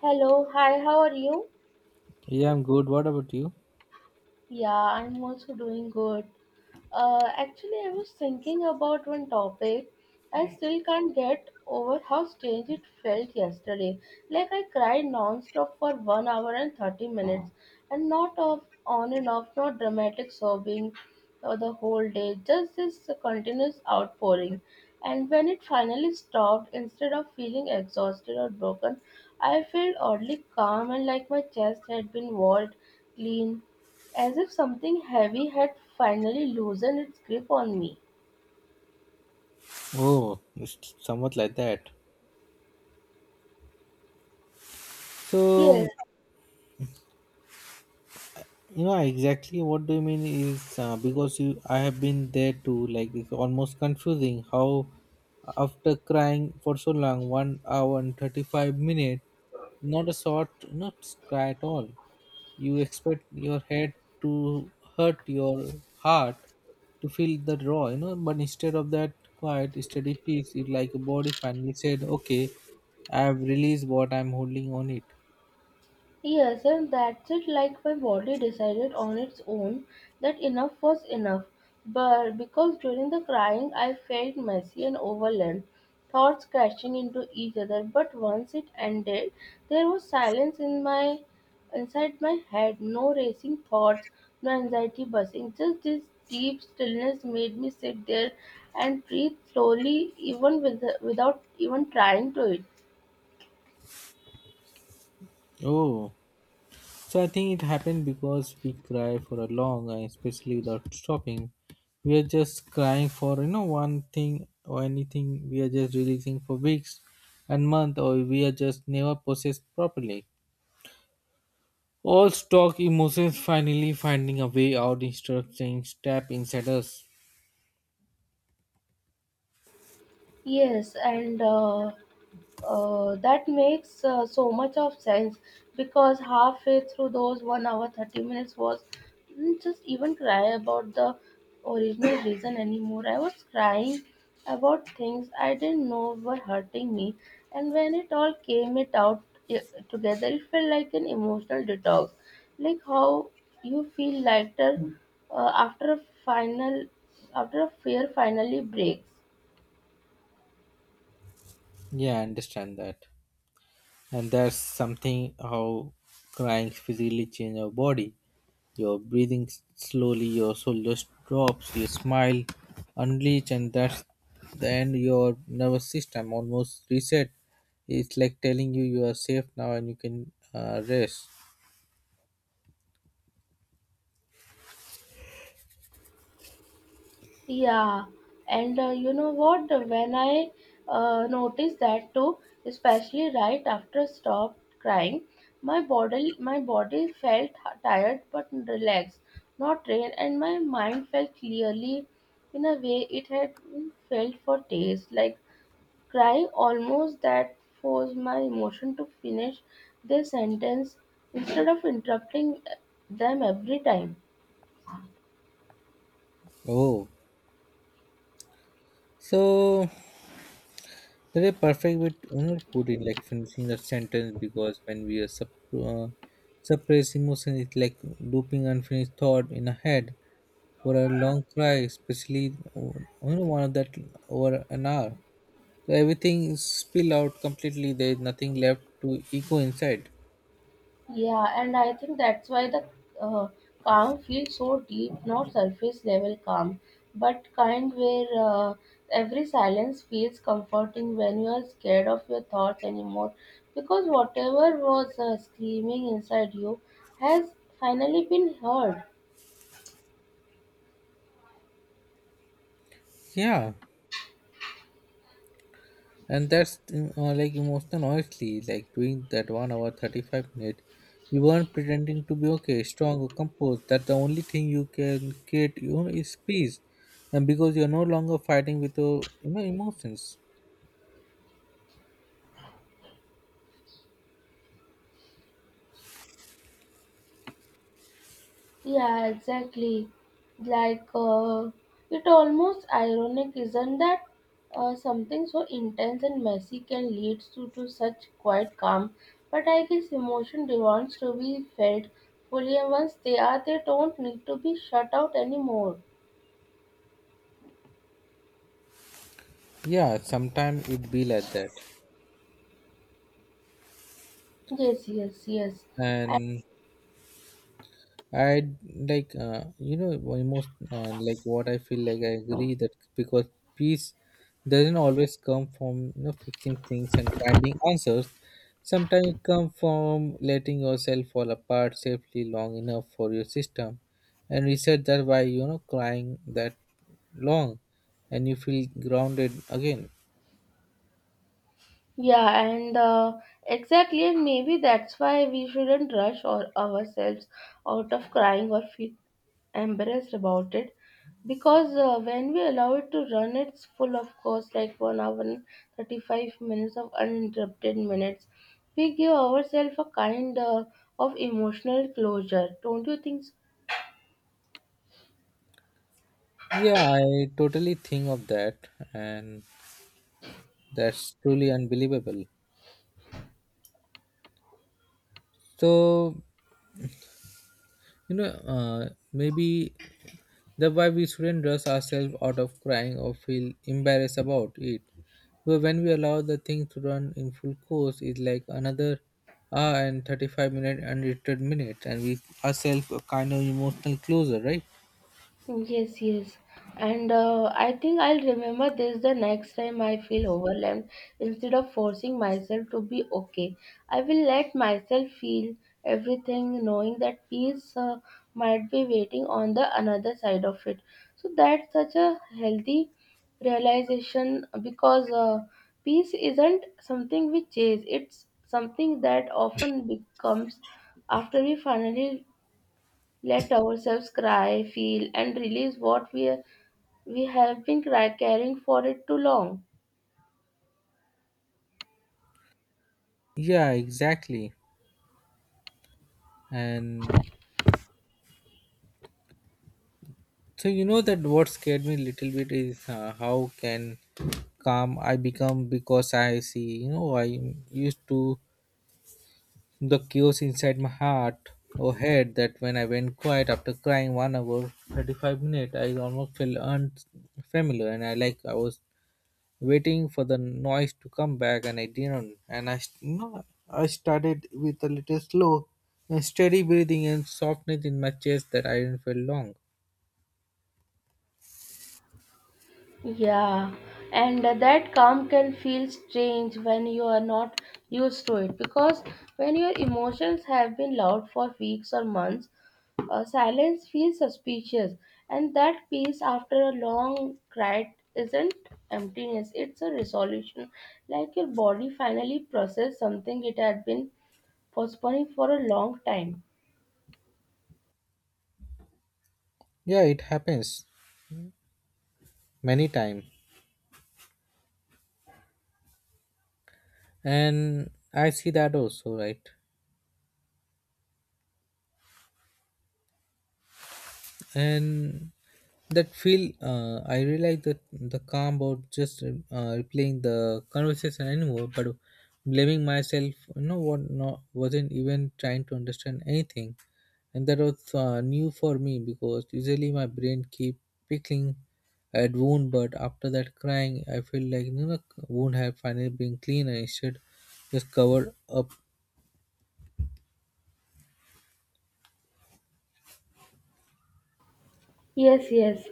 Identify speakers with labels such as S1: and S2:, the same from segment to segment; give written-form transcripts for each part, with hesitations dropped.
S1: Hello, hi, how are you?
S2: Yeah, I'm good. What about you?
S1: Yeah, I'm also doing good. Actually, I was thinking about one topic. I still can't get over how strange it felt yesterday. Like I cried non-stop for 1 hour and 30 minutes, and not off, on and off, not dramatic sobbing the whole day. Just this continuous outpouring. And when it finally stopped, instead of feeling exhausted or broken, I felt oddly calm and like my chest had been walled clean as if something heavy had finally loosened its grip on me.
S2: Oh, it's somewhat like that. So,
S1: Yes,
S2: exactly what do you mean is because you, I have been there too. Like it's almost confusing how, after crying for so long, 1 hour and 35 minutes, not a short, not cry at all. You expect your head to hurt your heart to feel the raw, but instead of that quiet, steady peace, it like a body finally said, okay, I have released what I'm holding on it.
S1: yes, and that's it. Like my body decided on its own that enough was enough. But because during the crying, I felt messy and overwhelmed, thoughts crashing into each other. But once it ended, there was silence in my inside my head. No racing thoughts, no anxiety buzzing. Just this deep stillness made me sit there and breathe slowly, even without even trying to it.
S2: Oh. So I think it happened because we cry for a long and especially without stopping. We are just crying for one thing or anything. We are just releasing for weeks and month, or we are just never processed properly. All stock emotions finally finding a way out instead of staying trapped inside us.
S1: Yes, and that makes so much of sense because halfway through those 1 hour 30 minutes was didn't just even cry about the original reason anymore. I was crying about things I didn't know were hurting me, and when it all came it out i- together, it felt like an emotional detox, like how you feel lighter after a fear finally breaks.
S2: Yeah, I understand that. And that's something how crying physically change your body. Your breathing slowly, your shoulders drops, your smile unleash, and that's the end your nervous system almost reset. It's like telling you you are safe now and you can rest.
S1: Yeah, and you know what? When I noticed that too, especially right after I stopped crying, my body felt tired but relaxed, not drained, and my mind felt clearly in a way it had felt for days. Like crying almost that forced my emotion to finish their sentence instead of interrupting them every time.
S2: Oh, so that's a perfect way to put it, like finishing a sentence, because when we are uh, suppress emotion, it's like looping unfinished thought in a head for a long cry, especially one of that over an hour. So everything is spill out completely. There is nothing left to echo inside.
S1: Yeah, and I think that's why the uh, calm feels so deep, not surface level calm, but kind where every silence feels comforting when you are scared of your thoughts anymore. Because whatever was screaming inside you has finally been heard.
S2: Yeah. And that's like emotional honestly, like doing that 1 hour 35 minute, you weren't pretending to be okay, strong or composed, that the only thing you can create is peace, and because you're no longer fighting with your, emotions.
S1: Yeah, exactly. Like, it almost ironic, isn't that? Something so intense and messy can lead to such quiet calm. But I guess emotion demands to be felt fully, and once they are, they don't need to be shut out anymore.
S2: Yeah, sometimes it be like that.
S1: Yes, yes, yes.
S2: And I like, almost, like what I feel, like I agree that, because peace doesn't always come from fixing things and finding answers. Sometimes it comes from letting yourself fall apart safely long enough for your system and reset, that by crying that long, and you feel grounded again.
S1: Yeah, and exactly, and maybe that's why we shouldn't rush or ourselves out of crying or feel embarrassed about it, because when we allow it to run, it's full of course, like 1 hour and 35 minutes of uninterrupted minutes. We give ourselves a kind of emotional closure, don't you think so?
S2: Yeah, I totally think of that, and that's truly unbelievable. So, you know, maybe the why we shouldn't rush ourselves out of crying or feel embarrassed about it. But when we allow the thing to run in full course, it's like another hour and 35-minute unedited minutes, and we ourselves a kind of emotional closer, right?
S1: Yes, yes. And I think I'll remember this the next time I feel overwhelmed. Instead of forcing myself to be okay, I will let myself feel everything, knowing that peace might be waiting on the another side of it. So that's such a healthy realization because peace isn't something we chase, it's something that often becomes after we finally let ourselves cry, feel, and release what we have been carrying for it too long.
S2: Yeah, exactly. And so, you know, that what scared me a little bit is, how can calm I become, because I see, you know, I used to the chaos inside my heart or head, that when I went quiet after crying 1 hour 35 minutes, I almost felt unfamiliar, and I like I was waiting for the noise to come back, and I didn't. And I, no, I started with a little slow and steady breathing, and softness in my chest that I didn't feel long.
S1: Yeah, and that calm can feel strange when you are not used to it because when your emotions have been loud for weeks or months, silence feels suspicious, and that peace after a long cry isn't emptiness, it's a resolution like your body finally processed something it had been postponing for a long time.
S2: Yeah, it happens many times. And I see that also, right? And that feel, I realized that the calm about just, replaying the conversation anymore, but blaming myself, you know what, no, wasn't even trying to understand anything. And that was new for me, because usually my brain keep picking at wound, but after that crying I feel like, you know, wound have finally been clean, and instead just covered up.
S1: Yes, yes,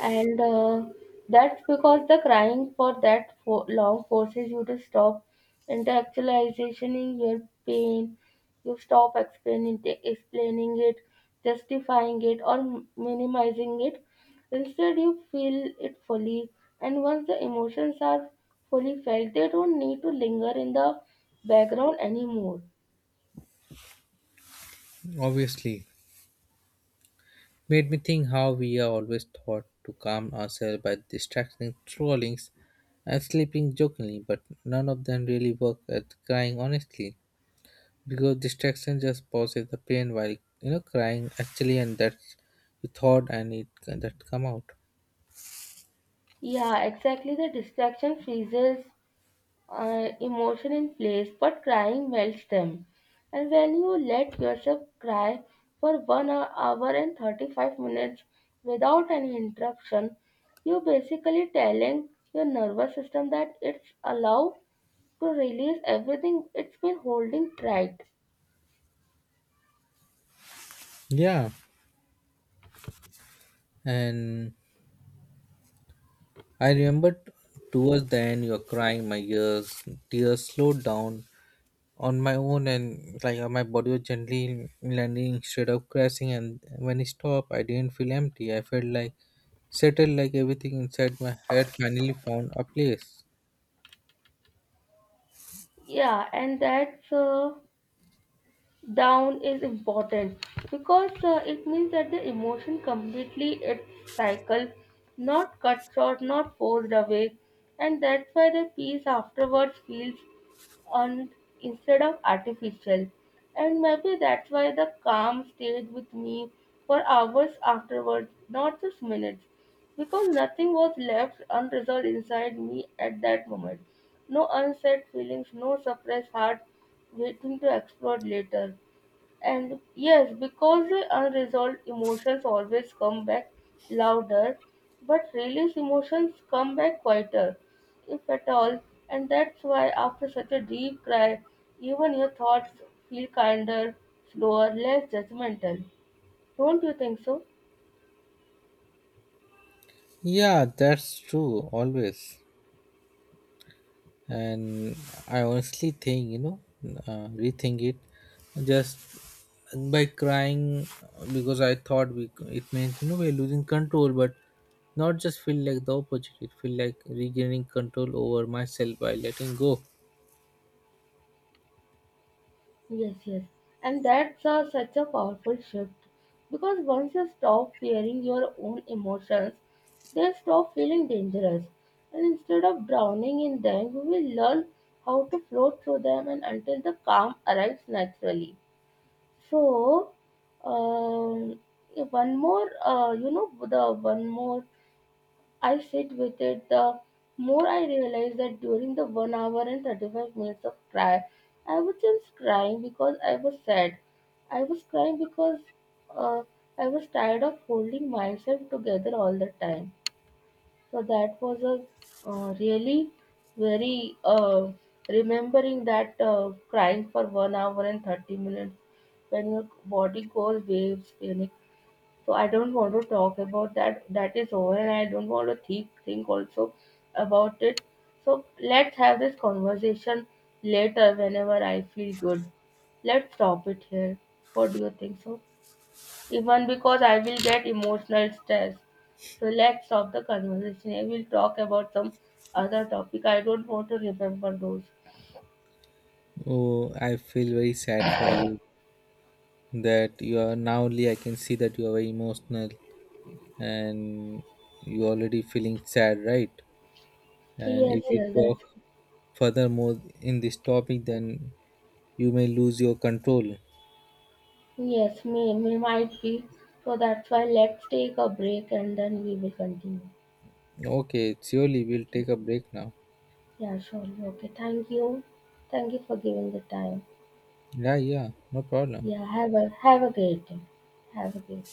S1: and that's because the crying for that for long forces you to stop intellectualizing your pain. You stop explaining it, justifying it, or minimizing it. Instead, you feel it fully, and once the emotions are fully felt, they don't need to linger in the background anymore.
S2: Obviously made me think how we are always taught to calm ourselves by distracting trollings and sleeping jokingly, but none of them really work at crying honestly. Because distraction just pauses the pain, while you know crying actually, and that's you thought and it that come out.
S1: Yeah, exactly. The distraction freezes emotion in place, but crying melts them. And when you let yourself cry for hour and 35 minutes without any interruption, you're basically telling your nervous system that it's allowed to release everything it's been holding tight.
S2: Yeah, and I remember towards the end, you are crying. My ears, tears slowed down on my own, and like my body was gently landing instead of crashing, and when it stopped I didn't feel empty, I felt like settled, like everything inside my head finally found a place.
S1: Yeah, and that's down is important because it means that the emotion completely its cycle, not cut short, not forced away, and that's why the peace afterwards feels earned instead of artificial. And maybe that's why the calm stayed with me for hours afterwards, not just minutes, because nothing was left unresolved inside me at that moment. No unsaid feelings, no suppressed heart waiting to explode later. And yes, because the unresolved emotions always come back louder, but release emotions come back quieter, if at all. And that's why after such a deep cry, even your thoughts feel kinder, slower, less judgmental. Don't you think so?
S2: Yeah, that's true always. And I honestly think, you know, rethink it just by crying, because I thought we, it means, you know, we're losing control, but not, just feel like the opposite, it feel like regaining control over myself by letting go.
S1: Yes, yes. And that's such a powerful shift because once you stop fearing your own emotions, they stop feeling dangerous. And instead of drowning in them, you will learn how to float through them and until the calm arrives naturally. So, um, one more, the one more I sit with it, the more I realize that during the 1 hour and 35 minutes of cry, I was not crying because I was sad. I was crying because uh, I was tired of holding myself together all the time. So that was a really very remembering that crying for 1 hour and 30 minutes when your body goes waves, panic so I don't want to talk about that. That is over, and I don't want to think also about it. So let's have this conversation later whenever I feel good. Let's stop it here. What do you think so? Even because I will get emotional stress. So let's stop the conversation. I will talk about some other topic. I don't want to remember those.
S2: Oh, I feel very sad for you, that you are now, only I can see that you are very emotional, and you already feeling sad, right? And if
S1: Yes,
S2: we
S1: yes,
S2: talk
S1: that's
S2: further more in this topic, then you may lose your control.
S1: yes, may might be. So that's why let's take a break and then we will continue.
S2: Okay, surely we'll
S1: Okay.
S2: take a break now.
S1: Yeah, surely. Okay. Thank you. Thank you for giving the time.
S2: Yeah, yeah, no problem.
S1: Yeah, have a great day. Have a great